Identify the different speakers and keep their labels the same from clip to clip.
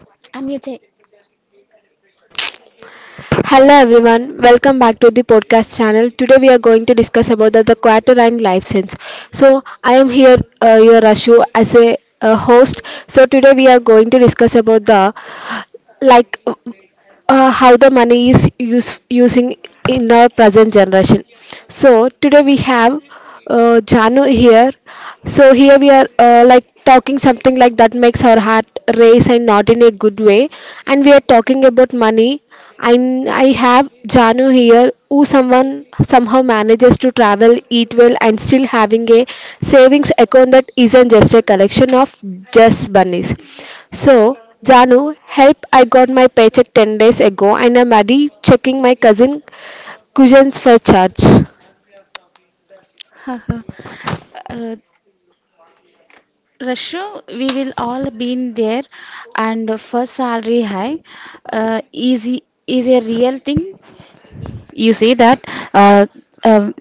Speaker 1: Unmute.
Speaker 2: Hello everyone, welcome back to the podcast channel. Today we are going to discuss about the quaternion life sense. So I am here, your Rashu, as a host. So today we are going to discuss about the like how the money is using in our present generation. So today we have Janu here. So here we are like talking something like that makes our heart race, and not in a good way. And we are talking about money. And I have Janu here, who someone somehow manages to travel, eat well, and still having a savings account that isn't just a collection of just bunnies. So, Janu, help! I got my paycheck 10 days ago and I'm already checking my cousins for charge.
Speaker 1: uh, Rashu, we will all been there, and for salary high, easy is a real thing. You see that uh, um,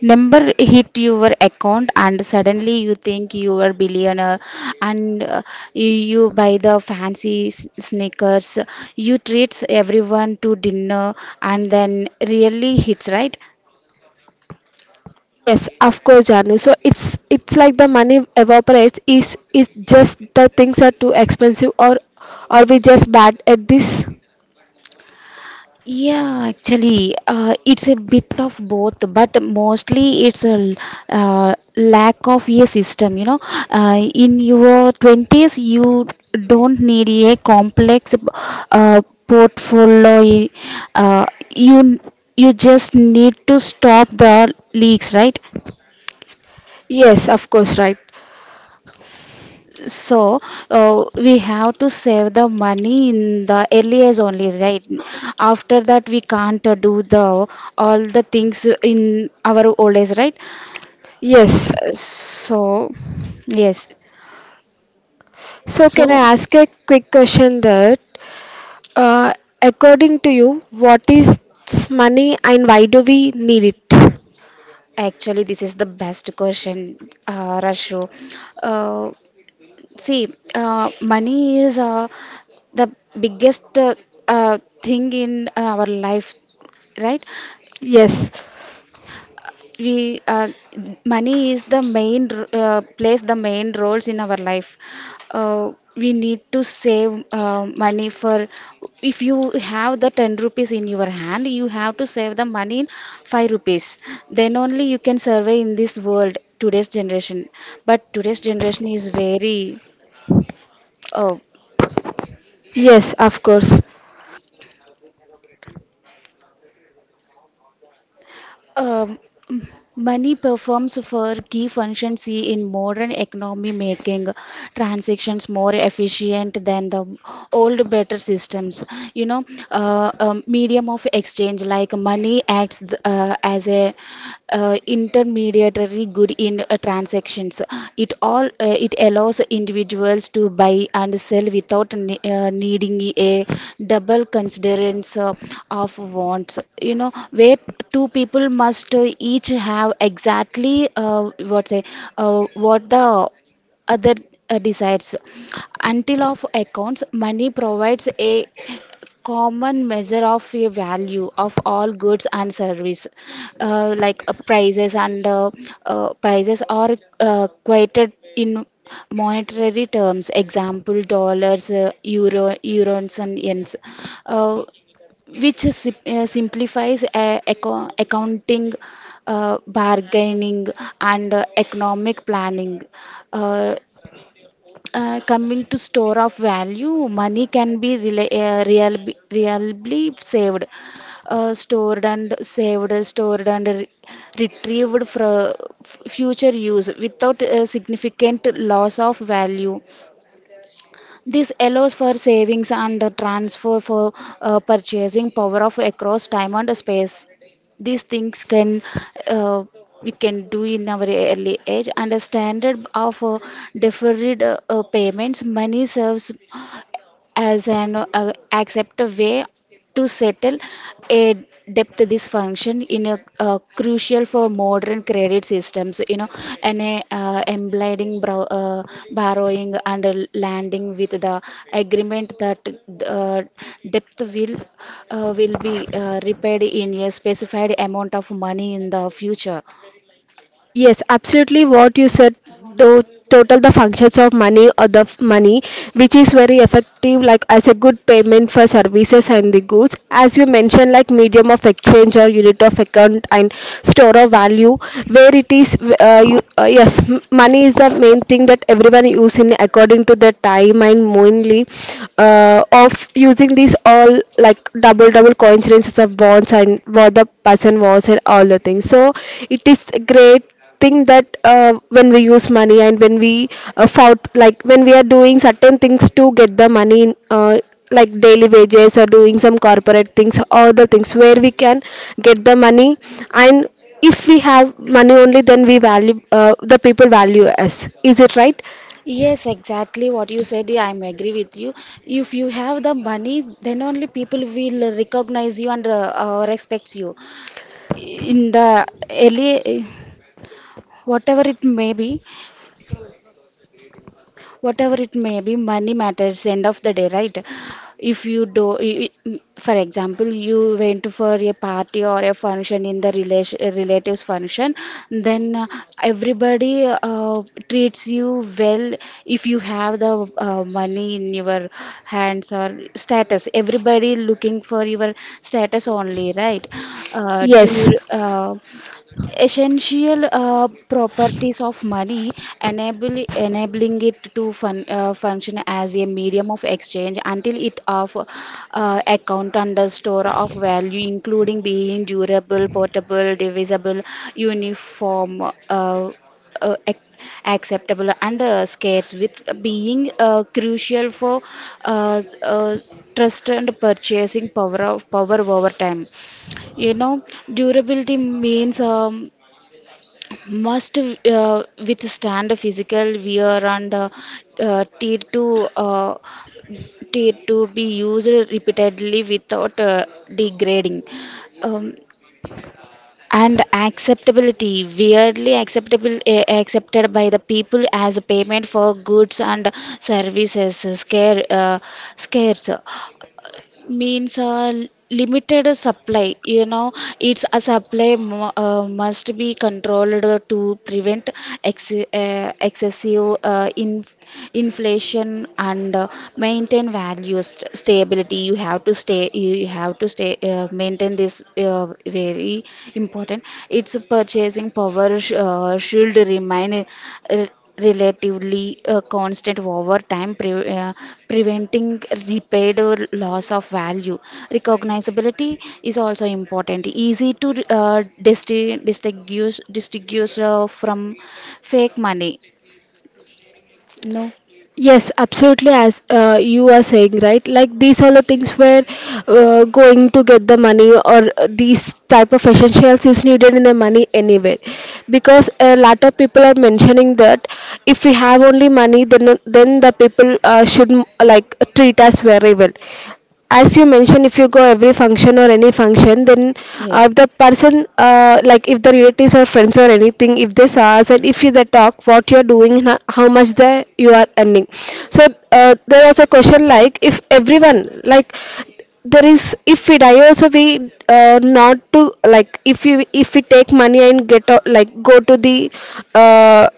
Speaker 1: number hit your account, and suddenly you think you are billionaire, and you buy the fancy sneakers. You treats everyone to dinner, and then really hits right.
Speaker 2: Yes, of course, Janu. So it's like the money evaporates. Is just the things are too expensive, or are we just bad at this?
Speaker 1: Yeah, actually, it's a bit of both, but mostly it's a lack of a system. You know, in your 20s, you don't need a complex uh, portfolio. Uh, you you just need to stop the leaks, right?
Speaker 2: Yes, of course, right.
Speaker 1: So we have to save the money in the early age only, right? After that, we can't do the all the things in our old age, right?
Speaker 2: Yes.
Speaker 1: So yes.
Speaker 2: So can
Speaker 1: So
Speaker 2: I ask a quick question that, uh, according to you, what is money and why do we need it?
Speaker 1: actually, this is the best question, Rashu. Uh, see, money is the biggest thing in our life, right?
Speaker 2: Yes.
Speaker 1: we money is the main plays the main roles in our life. We need to save money for, if you have the 10 rupees in your hand you have to save the money in 5 rupees, then only you can survive in this world today's generation. But today's generation is very uh,
Speaker 2: Yes, of course.
Speaker 1: Um, money performs for key functions in modern economy, making transactions more efficient than the old, better systems. You know, medium of exchange, like money acts as a intermediary very good in transactions. It allows individuals to buy and sell without needing a double considerance of wants. You know, where two people must each have exactly what say what the other decides. Until of accounts, money provides a common measure of a value of all goods and service, like prices and prices are quoted in monetary terms, example dollars, euros and yens, uh, which simplifies accounting, bargaining, and economic planning. Uh, coming to store of value, money can be really saved, stored and retrieved for future use without a significant loss of value. This allows for savings and transfer for purchasing power of across time and space. These things can uh, we can do in our early age. And a standard of deferred payments, money serves as an accepted way to settle a depth. This function in a crucial for modern credit systems, you know, and a, embedding borrowing and a landing with the agreement that uh, depth will be repaid in a specified amount of money in the future.
Speaker 2: Yes, absolutely what you said to total the functions of money or the money, which is very effective, like as a good payment for services and the goods, as you mentioned, like medium of exchange or unit of account and store of value, where it is money is the main thing that everyone use in according to their time, and mainly of using these all like double coincidences of bonds and what the person was and all the things. So it is great thing that when we use money and when we fought, like when we are doing certain things to get the money in, like daily wages or doing some corporate things or the things where we can get the money. And if we have money only, then we value the people value us, is it right?
Speaker 1: Yes, exactly what you said. Yeah, I'm agree with you. If you have the money, then only people will recognize you and respects you. In the early, whatever it may be, whatever it may be, money matters end of the day, right? If you do for example, you went for a party or a function in the relation relatives function, then everybody uh, treats you well, if you have the money in your hands or status. Everybody looking for your status only, right? uh,
Speaker 2: Yes.
Speaker 1: due, uh, essential properties of money enable enabling it to function as a medium of exchange, until it of account, under store of value, including being durable, portable, divisible, uniform, uh, uh, ac- acceptable, and scarce, with being crucial for uh, uh, trust and purchasing power over time, you know. Durability means must withstand physical wear and uh, tier to uh, tier to be used repeatedly without degrading. um, and acceptability, weirdly acceptable accepted by the people as a payment for goods and services. Scare Scarce means limited supply, you know. It's a supply must be controlled to prevent excessive inflation and maintain value stability. You have to stay maintain this very important. Its purchasing power should remain uh, relatively constant over time, preventing repaid or loss of value. Recognizability is also important, easy to distinguish from fake money. No,
Speaker 2: Yes, absolutely, as you are saying, right? Like these are the things where going to get the money, or these type of essentials is needed in the money anyway. Because a lot of people are mentioning that if we have only money, then the people should like treat us very well. As you mentioned, if you go every function or any function, then
Speaker 1: yeah.
Speaker 2: if the person like if the relatives or friends or anything, if they saw us and if they talk what you're doing and how much the you are earning. So there was a question like if everyone like, there is, if we die also, we not to, like if you if we take money and get like go to the uh,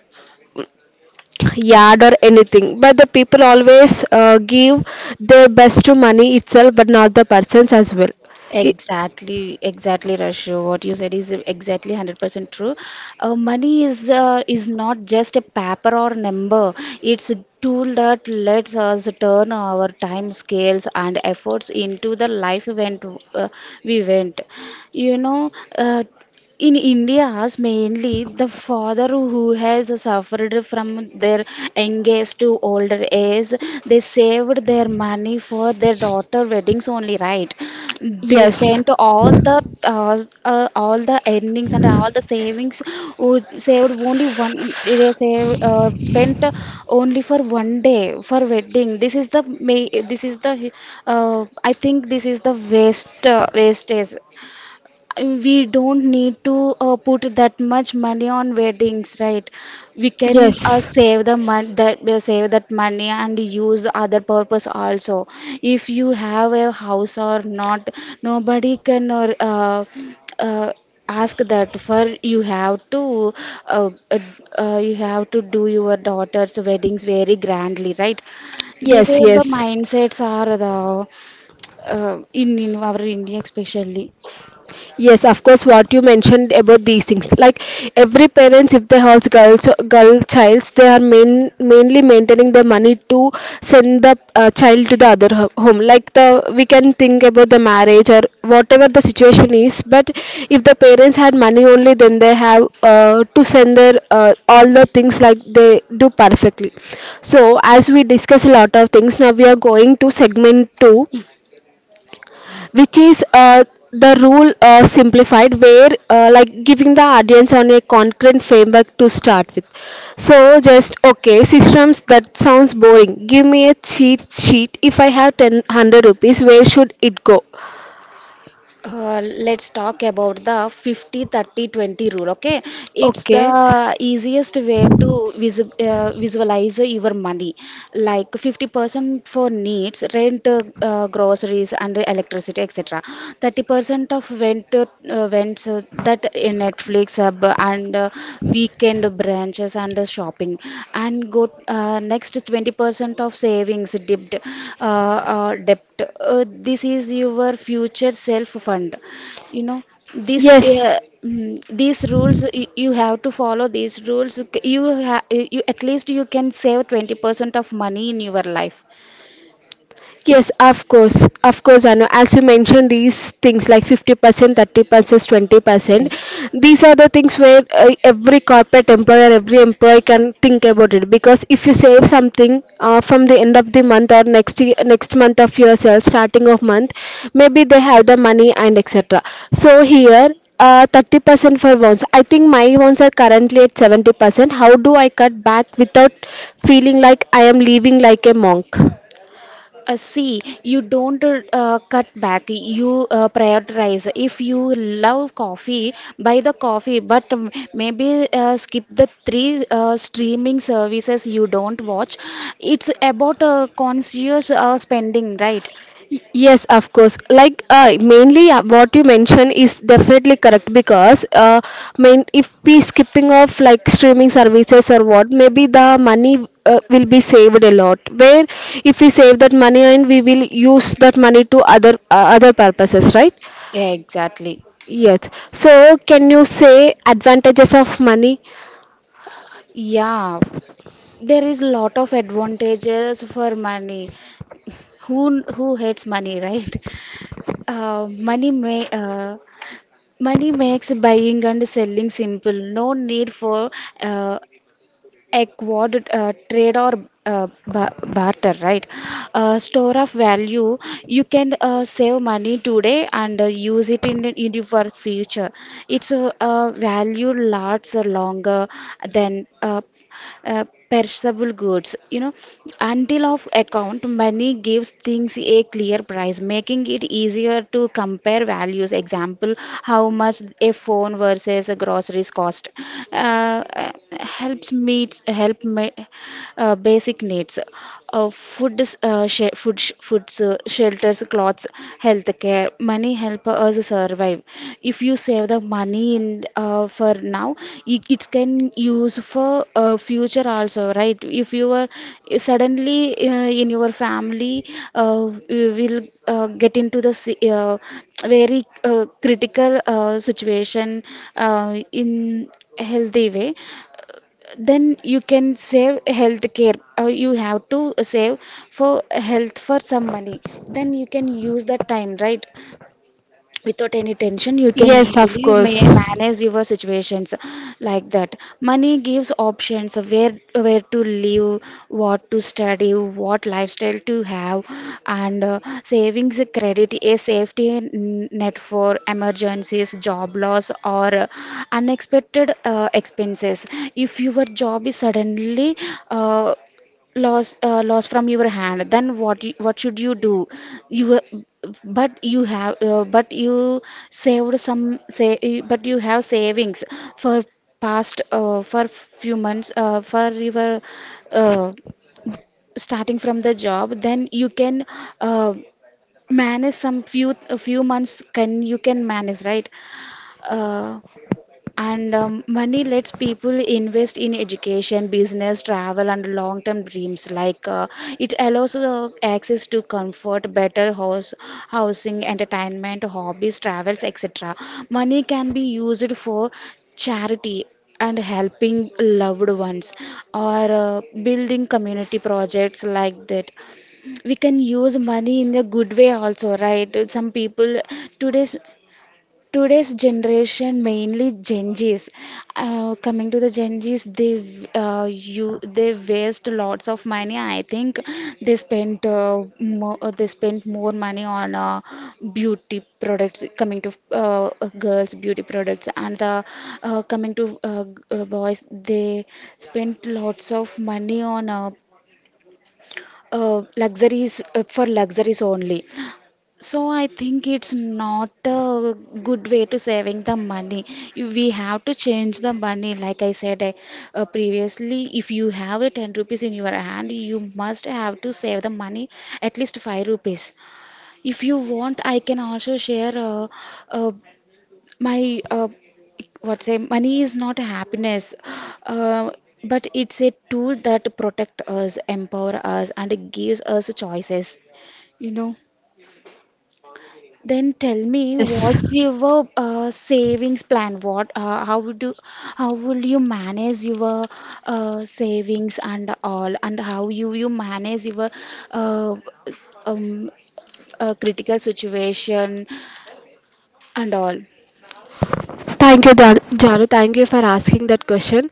Speaker 2: yard or anything, but the people always give their best to money itself, but not the persons as well. I-
Speaker 1: Exactly, exactly, Rashu. What you said is exactly 100% true. Money is not just a paper or number. It's a tool that lets us turn our time scales and efforts into the life event uh, we went. You know, uh, in India's mainly, the father who has suffered from their youngest to older age, they saved their money for their daughter weddings only, right? They
Speaker 2: yes.
Speaker 1: spent uh, all the earnings and all the savings, who saved only one, they saved, spent only for one day for wedding. This is the I think this is the waste wastage. We don't need to put that much money on weddings, right? We can
Speaker 2: Yes.
Speaker 1: save the money that save that money and use other purpose also. If you have a house or not, nobody can uh, ask that for, uh, uh, you have to do your daughter's weddings very grandly, right? These
Speaker 2: Yes,
Speaker 1: are the
Speaker 2: yes,
Speaker 1: mindsets are the in our India especially.
Speaker 2: yes. Of course, what you mentioned about these things, like every parents, if they have girls, girl childs, they are mainly maintaining the money to send the child to the other home. Like the we can think about the marriage or whatever the situation is. But if the parents had money only, then they have to send their all the things, like they do perfectly. So as we discuss a lot of things, now we are going to segment two, which is the rule simplified, where like giving the audience on a concrete framework to start with. So just okay, systems that sounds boring, give me a cheat sheet. If I have 10 100 rupees, where should it go?
Speaker 1: Let's talk about the 50/30/20 rule, okay? It's
Speaker 2: Okay.
Speaker 1: the easiest way to visualize your money. Like 50% for needs, rent, groceries and electricity, etc. 30% of went went that in Netflix and week and branches and the shopping. And go next 20% of savings, dipped, debt. This is your future self fund, you know. This
Speaker 2: Yes.
Speaker 1: these rules, you have to follow these rules. You at least you can save 20% of money in your life. It.
Speaker 2: Yes, of course, Anu. As you mentioned, these things like 50%, 30%, 20%,
Speaker 1: Yes.
Speaker 2: these are the things where every corporate employer, every employee can think about it. Because if you save something from the end of the month or next month of yourself, starting of month, maybe they have the money and etc. So here, 30% for bonds. I think my bonds are currently at 70%. How do I cut back without feeling like I am living like a monk?
Speaker 1: See, you don't cut back, you prioritize. If you love coffee, buy the coffee, but maybe skip the three streaming services you don't watch. It's about conscious spending, right?
Speaker 2: Yes, of course. Like mainly what you mentioned is definitely correct, because main if we skipping off like streaming services or what, maybe the money will be saved a lot. Where if we save that money and we will use that money to other purposes, right?
Speaker 1: Yeah, exactly.
Speaker 2: Yes. So can you say advantages of money?
Speaker 1: Yeah, there is lot of advantages for money. Who hates money, right? Uh, money may uh, money makes buying and selling simple. No need for uh, acquired trade or barter, right? Store of value. You can save money today and use it in your future. It's a value lasts longer than uh, perishable goods, you know. Until of account, money gives things a clear price, making it easier to compare values, example, how much a phone versus a groceries cost. uh, uh, help me, basic needs, food, foods, shelters, clothes, healthcare. Money help us survive. If you save the money in for now, it can use for future also, right? If you are suddenly uh, in your family you will get into the very critical situation in healthy way, then you can save healthcare. You have to save for health for some money. Then you can use that time, right? Without any tension you can
Speaker 2: Yes, of
Speaker 1: easily
Speaker 2: course.
Speaker 1: manage your situations. Like that, money gives options of where to live, what to study, what lifestyle to have. And savings credit a safety net for emergencies, job loss, or unexpected expenses. If your job is suddenly uh, lost from your hand, then what should you do? You, but you have but you saved some say but you have savings for past for few months for your uh, starting from the job, then you can uh, manage some few a few months, can you can manage, right? uh, and money lets people invest in education, business, travel, and long term dreams. Like it allows access to comfort, housing, entertainment, hobbies, travels, etc. Money can be used for charity and helping loved ones or building community projects. Like that, we can use money in a good way also, right? Some people, today's today's generation, mainly Gen Z's, coming to the Gen Z's, they you they waste lots of money, I think. They they spent more money on beauty products. Coming to girls, beauty products, and the coming to boys, they spent lots of money on luxuries for luxuries only. So I think it's not a good way to saving the money. We have to change the money. Like I said previously, if you have a 10 rupees in your hand, you must have to save the money at least 5 rupees. If you want, I can also share uh, my what say money is not happiness. Uh, but it's a tool that protect us, empower us, and gives us choices. You know. Then tell me,
Speaker 2: Yes.
Speaker 1: what's your savings plan? How will you manage your savings and all, and how you manage your uh, um, critical situation and all?
Speaker 2: Thank you, Janu. Thank you for asking that question.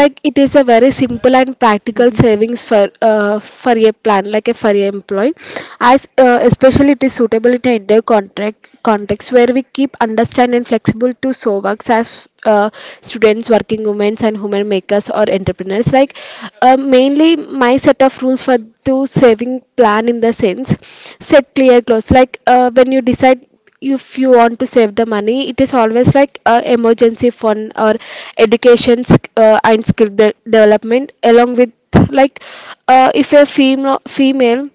Speaker 2: Like it is a very simple and practical
Speaker 1: Hmm.
Speaker 2: savings for for a plan, like a for a employee. As especially it is suitable in an India contract context, where we keep understand and flexible to, so works as students, working women, and women makers or entrepreneurs. Like mainly my set of rules for to saving plan, in the sense set clear goals. Like when you decide if you want to save the money, it is always like a emergency fund or education and skill development along with, like if a female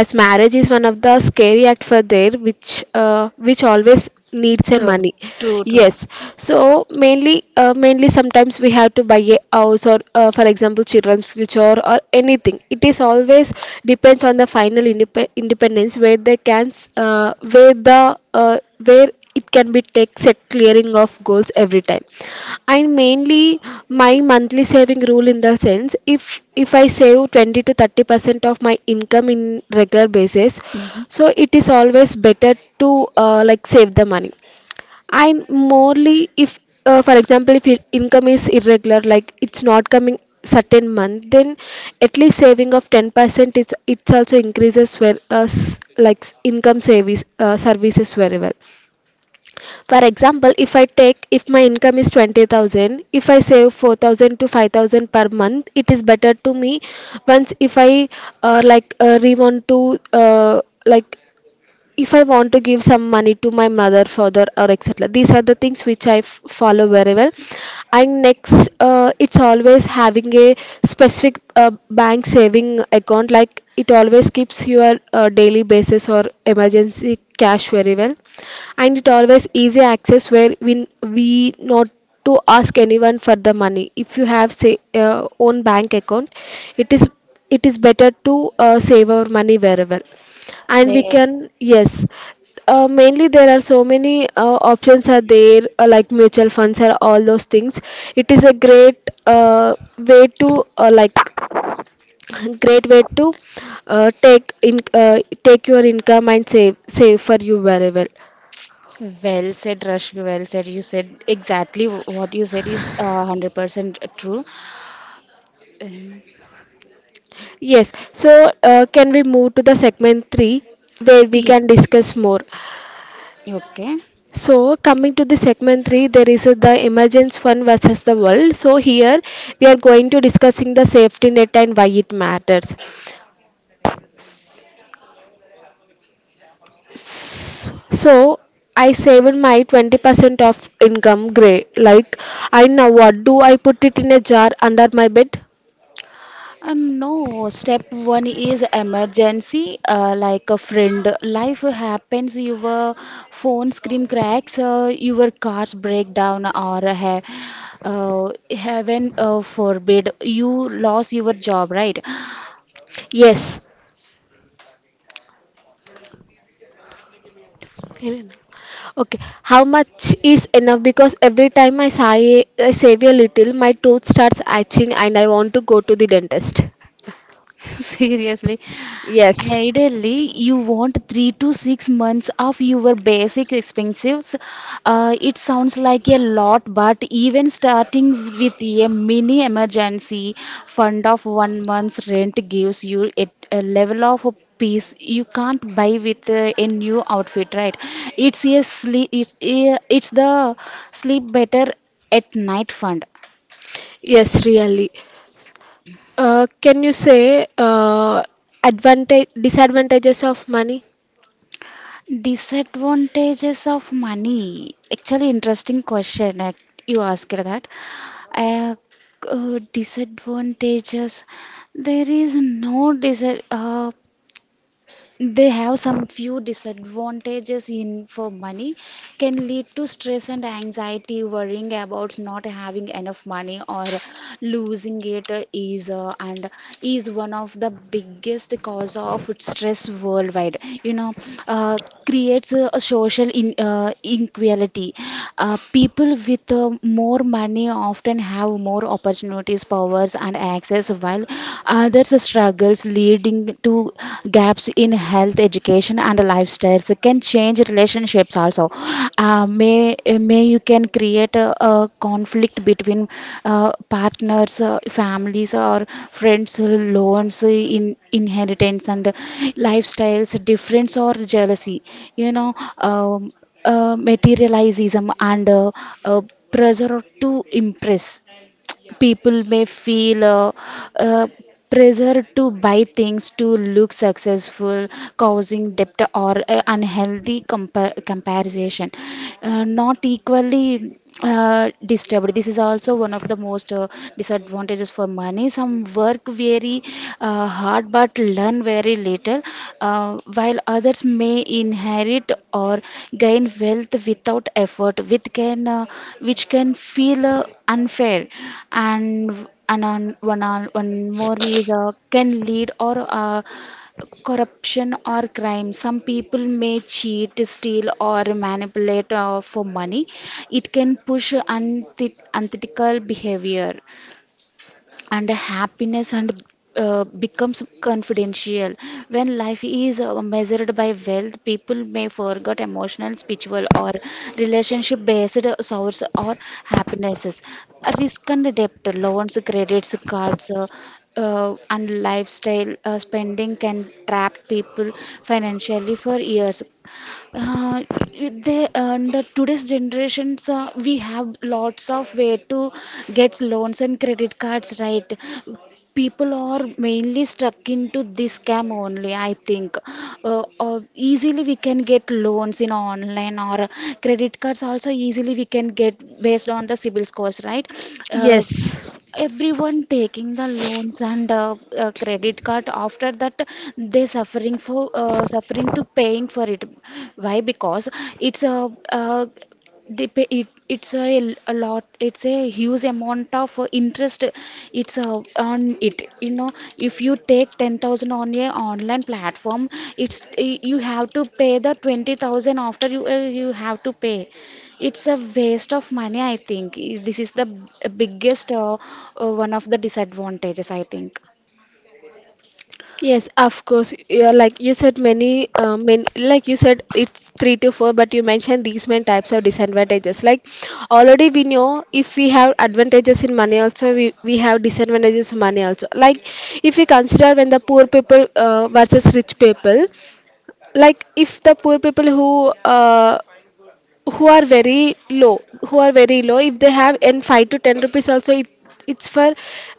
Speaker 2: as marriage is one of the scary act for there, which always needs a
Speaker 1: True,
Speaker 2: money.
Speaker 1: true, true.
Speaker 2: Yes. So mainly mainly sometimes we have to buy a house or for example children's future or anything. It is always depends on the final independence, where they can where the where it can be take set clearing of goals every time. And mainly my monthly saving rule, in the sense, if I save 20 to 30% of my income in regular basis,
Speaker 1: Hmm.
Speaker 2: so it is always better to like save the money. And morely if for example if your income is irregular, like it's not coming certain month, then at least saving of 10%, it's also increases where like income services very well. For example, if I take, if my income is 20,000, if I save 4,000 to 5,000 per month, it is better to me. Once if I like re want to like, if I want to give some money to my mother, father, or etc. These are the things which I follow very well. And next, it's always having a specific bank saving account, like it always keeps your daily basis or emergency cash very well. And it always easy access, where we not to ask anyone for the money. If you have say own bank account, it is it is better to save our money wherever, and we
Speaker 1: Where?
Speaker 2: can. Yes. Mainly there are so many options are there, like mutual funds or all those things. It is a great uh, way to like great way to take your income and save for you very well.
Speaker 1: Well said, Rashmi. Well said. You said exactly what you said is 100% true. Um,
Speaker 2: Yes. So can we move to the segment 3, where we
Speaker 1: ye-
Speaker 2: can discuss more?
Speaker 1: Okay.
Speaker 2: So coming to the segment 3, there is the emergence fund versus the world. So here we are going to discussing the safety net and why it matters. So I saved my 20% of income gray, like I now, what do I put it in a jar under my bed?
Speaker 1: No, step one is emergency, like a friend. Life happens, your phone screen cracks, your cars break down, or have, heaven forbid, you lost your job, right?
Speaker 2: Yes. Okay, how much is enough? Because every time I, say, I save a little, my tooth starts itching and I want to go to the dentist.
Speaker 1: Seriously,
Speaker 2: Yes,
Speaker 1: ideally, you want 3 to 6 months of your basic expenses. It sounds like a lot, but even starting with a mini emergency fund of 1 month's rent gives you a level of peace you can't buy with a new outfit, right? It's a sleep. It's the sleep better at night fund.
Speaker 2: yes, really. Can you say advantage disadvantages of money?
Speaker 1: Disadvantages of money. Actually, interesting question. You asked that. Uh, Disadvantages. There is no dis. Uh, they have some few disadvantages in for money can lead to stress and anxiety, worrying about not having enough money or losing it is one of the biggest cause of stress worldwide. You know. Uh, creates a social inequality. People with more money often have more opportunities, powers, and access, while other struggles leading to gaps in health, education, and lifestyles can change relationships also. Uh, may may you can create a conflict between partners, families, or friends, loans in inheritance and lifestyles difference or jealousy. You know. Um, Materialism and uh, pressure to impress people may feel uh, pressure to buy things to look successful, causing debt or unhealthy comparison. Not equally disturbed, this is also one of the most disadvantages for money. Some work very hard but learn very little, while others may inherit or gain wealth without effort, which which can feel unfair. And on, one, on, One more is can lead or corruption or crime. Some people may cheat, steal, or manipulate for money. It can push unethical behavior. And happiness and becomes confidential. When life is measured by wealth, people may forget emotional, spiritual, or relationship based source or happinesses. Risk and debt, loans, credits cards, and lifestyle spending can trap people financially for years. Uh, the today's generations, we have lots of way to get loans and credit cards, right? People are mainly stuck into this scam only, I think. Easily we can get loans in online or credit cards also easily we can get based on the civil scores, right? Uh,
Speaker 2: Yes.
Speaker 1: Everyone taking the loans and credit card. After that they suffering for suffering to paying for it. Why? Because it's a uh, it's a lot. It's a huge amount of interest it's on it. You know, if you take 10,000 on a online platform, it's you have to pay the 20,000 after. You have to pay. It's a waste of money, I think. This is the biggest one of the disadvantages, I think.
Speaker 2: Yes, of course. Yeah, like you said, many, like you said, it's three to four, but you mentioned these many types of disadvantages. Like already we know, if we have advantages in money, also we have disadvantages in money also. Like if we consider when the poor people versus rich people, like if the poor people who are very low, if they have and 5 to 10 rupees also, it's for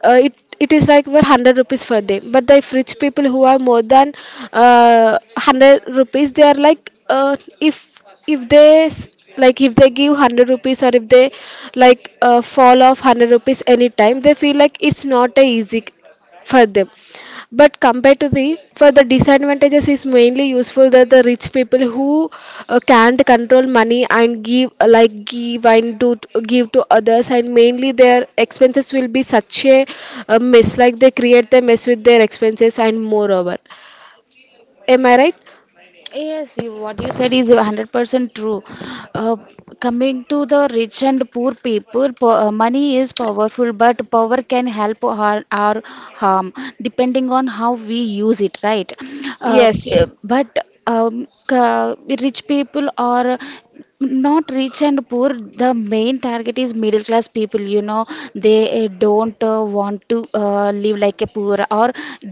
Speaker 2: uh, it it is like for 100 rupees for them. But the, if rich people who are more than uh, 100 rupees, they are like if they like if they give 100 rupees, or if they like fall off 100 rupees anytime, they feel like it's not a easy for them. But compared to the, for the disadvantages is mainly useful that the rich people who can't control money and give like give and do give to others, and mainly their expenses will be such a mess, like they create the mess with their expenses and moreover. Am I right?
Speaker 1: Yes, you, what you said is 100% true. Uh, Coming to the rich and poor people, po money is powerful, but power can help or harm depending on how we use it, right? Uh, b-
Speaker 2: Yes.
Speaker 1: but um, ca- rich people are not rich and poor. The main target is middle class people, you know. They don't want to live like a poor, or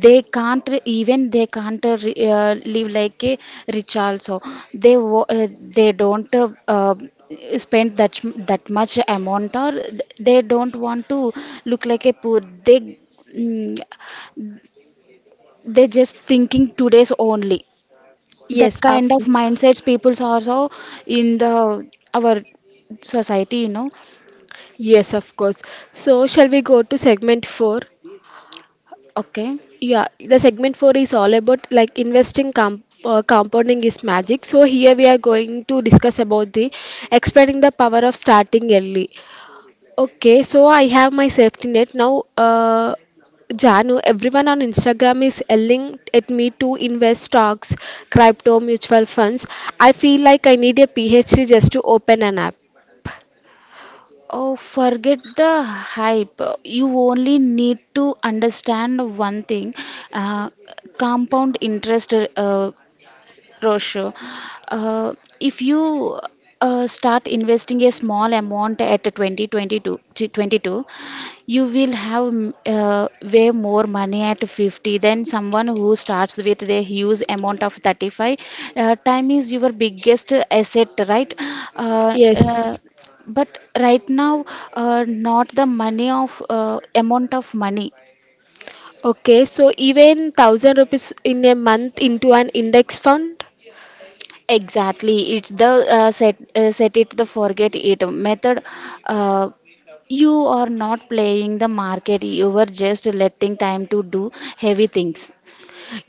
Speaker 1: they can't re- even they can't live like a rich also. They wo- they don't spend that much amount, or they don't want to look like a poor. They mm, they just thinking today's only. That
Speaker 2: Yes,
Speaker 1: kind
Speaker 2: of
Speaker 1: of
Speaker 2: course.
Speaker 1: mindsets peoples are so in the our society, you know.
Speaker 2: Yes, of course. So shall we go to segment four?
Speaker 1: Okay.
Speaker 2: Yeah, the segment four is all about like investing, compounding is magic. So here we are going to discuss about the explaining the power of starting early. Okay, so I have my safety net now. Janu, everyone on Instagram is yelling at me to invest stocks, crypto, mutual funds. I feel like I need a PhD just to open an app.
Speaker 1: Oh, forget the hype. You only need to understand one thing, uh, compound interest. Roshu, uh, if you start investing a small amount at 2022, 22, twenty-two, you will have way more money at 50 than someone who starts with a huge amount of 35. Time is your biggest asset, right? Uh, uh,
Speaker 2: Yes.
Speaker 1: but right now, not the money of amount of money.
Speaker 2: Okay, so even thousand rupees in a month into an index fund.
Speaker 1: Exactly, it's the set it the forget it method. Uh, you are not playing the market, you are just letting time to do heavy things.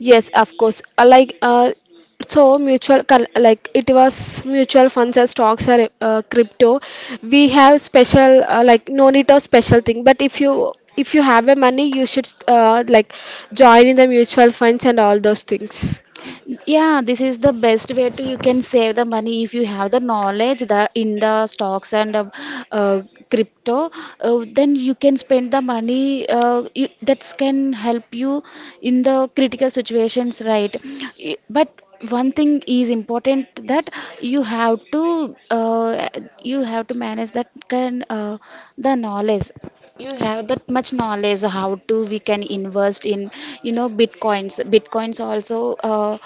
Speaker 2: Yes, of course. Like so, like it was mutual funds or stocks or crypto. We have special like no need of special thing. But if you have a money, you should like join in the mutual funds and all those things.
Speaker 1: Yeah, this is the best way to you can save the money if you have the knowledge that in the stocks and uh, crypto, then you can spend the money that can help you in the critical situations, right? But one thing is important, that you have to uh, you have to manage that can the knowledge. You have that much knowledge how to we can invest in, you know, bitcoins also uh,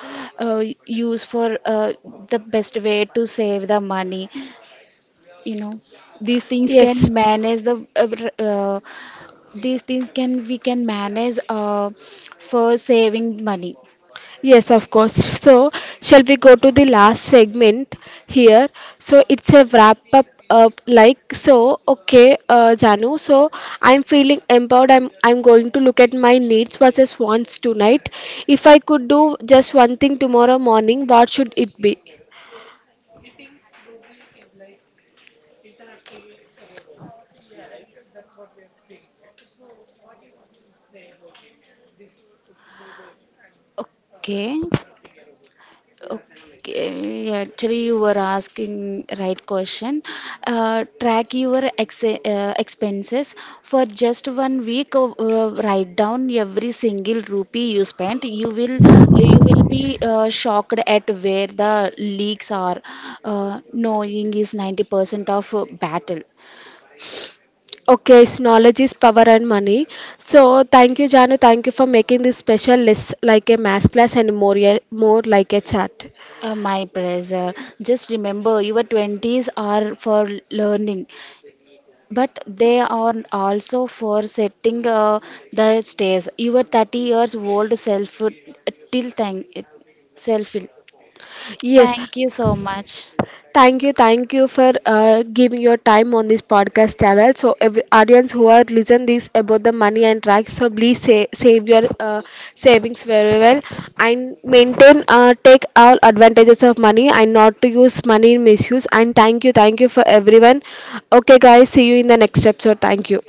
Speaker 1: use for the best way to save the money, you know. These things can
Speaker 2: Yes.
Speaker 1: manage the these things can we can manage for saving money.
Speaker 2: Yes, of course. So, shall we go to the last segment here? So, it's a wrap up. Like so okay, Janu, so I'm feeling empowered. I'm going to look at my needs versus wants tonight. If I could do just one thing tomorrow morning, what should it be?
Speaker 1: Okay. Okay, actually, you were asking right question. Track your ex expenses for just 1 week. Write down every single rupee you spent. You will be shocked at where the leaks are. Knowing is 90% of battle.
Speaker 2: Okay, it's knowledge is power and money. So thank you, Janu. Thank you for making this special list like a mass class and more. Yeah, more like a chat.
Speaker 1: My pleasure. Just remember, your 20s are for learning. But they are also for setting the stage. Your 30 years old self till thank self.
Speaker 2: Yes.
Speaker 1: Thank you so much.
Speaker 2: Thank you for giving your time on this podcast channel. So, every audience who are listen this about the money and tax, so please save your savings very well, and maintain take all advantages of money and not to use money in misuse. And thank you for everyone. Okay, guys, see you in the next episode. Thank you.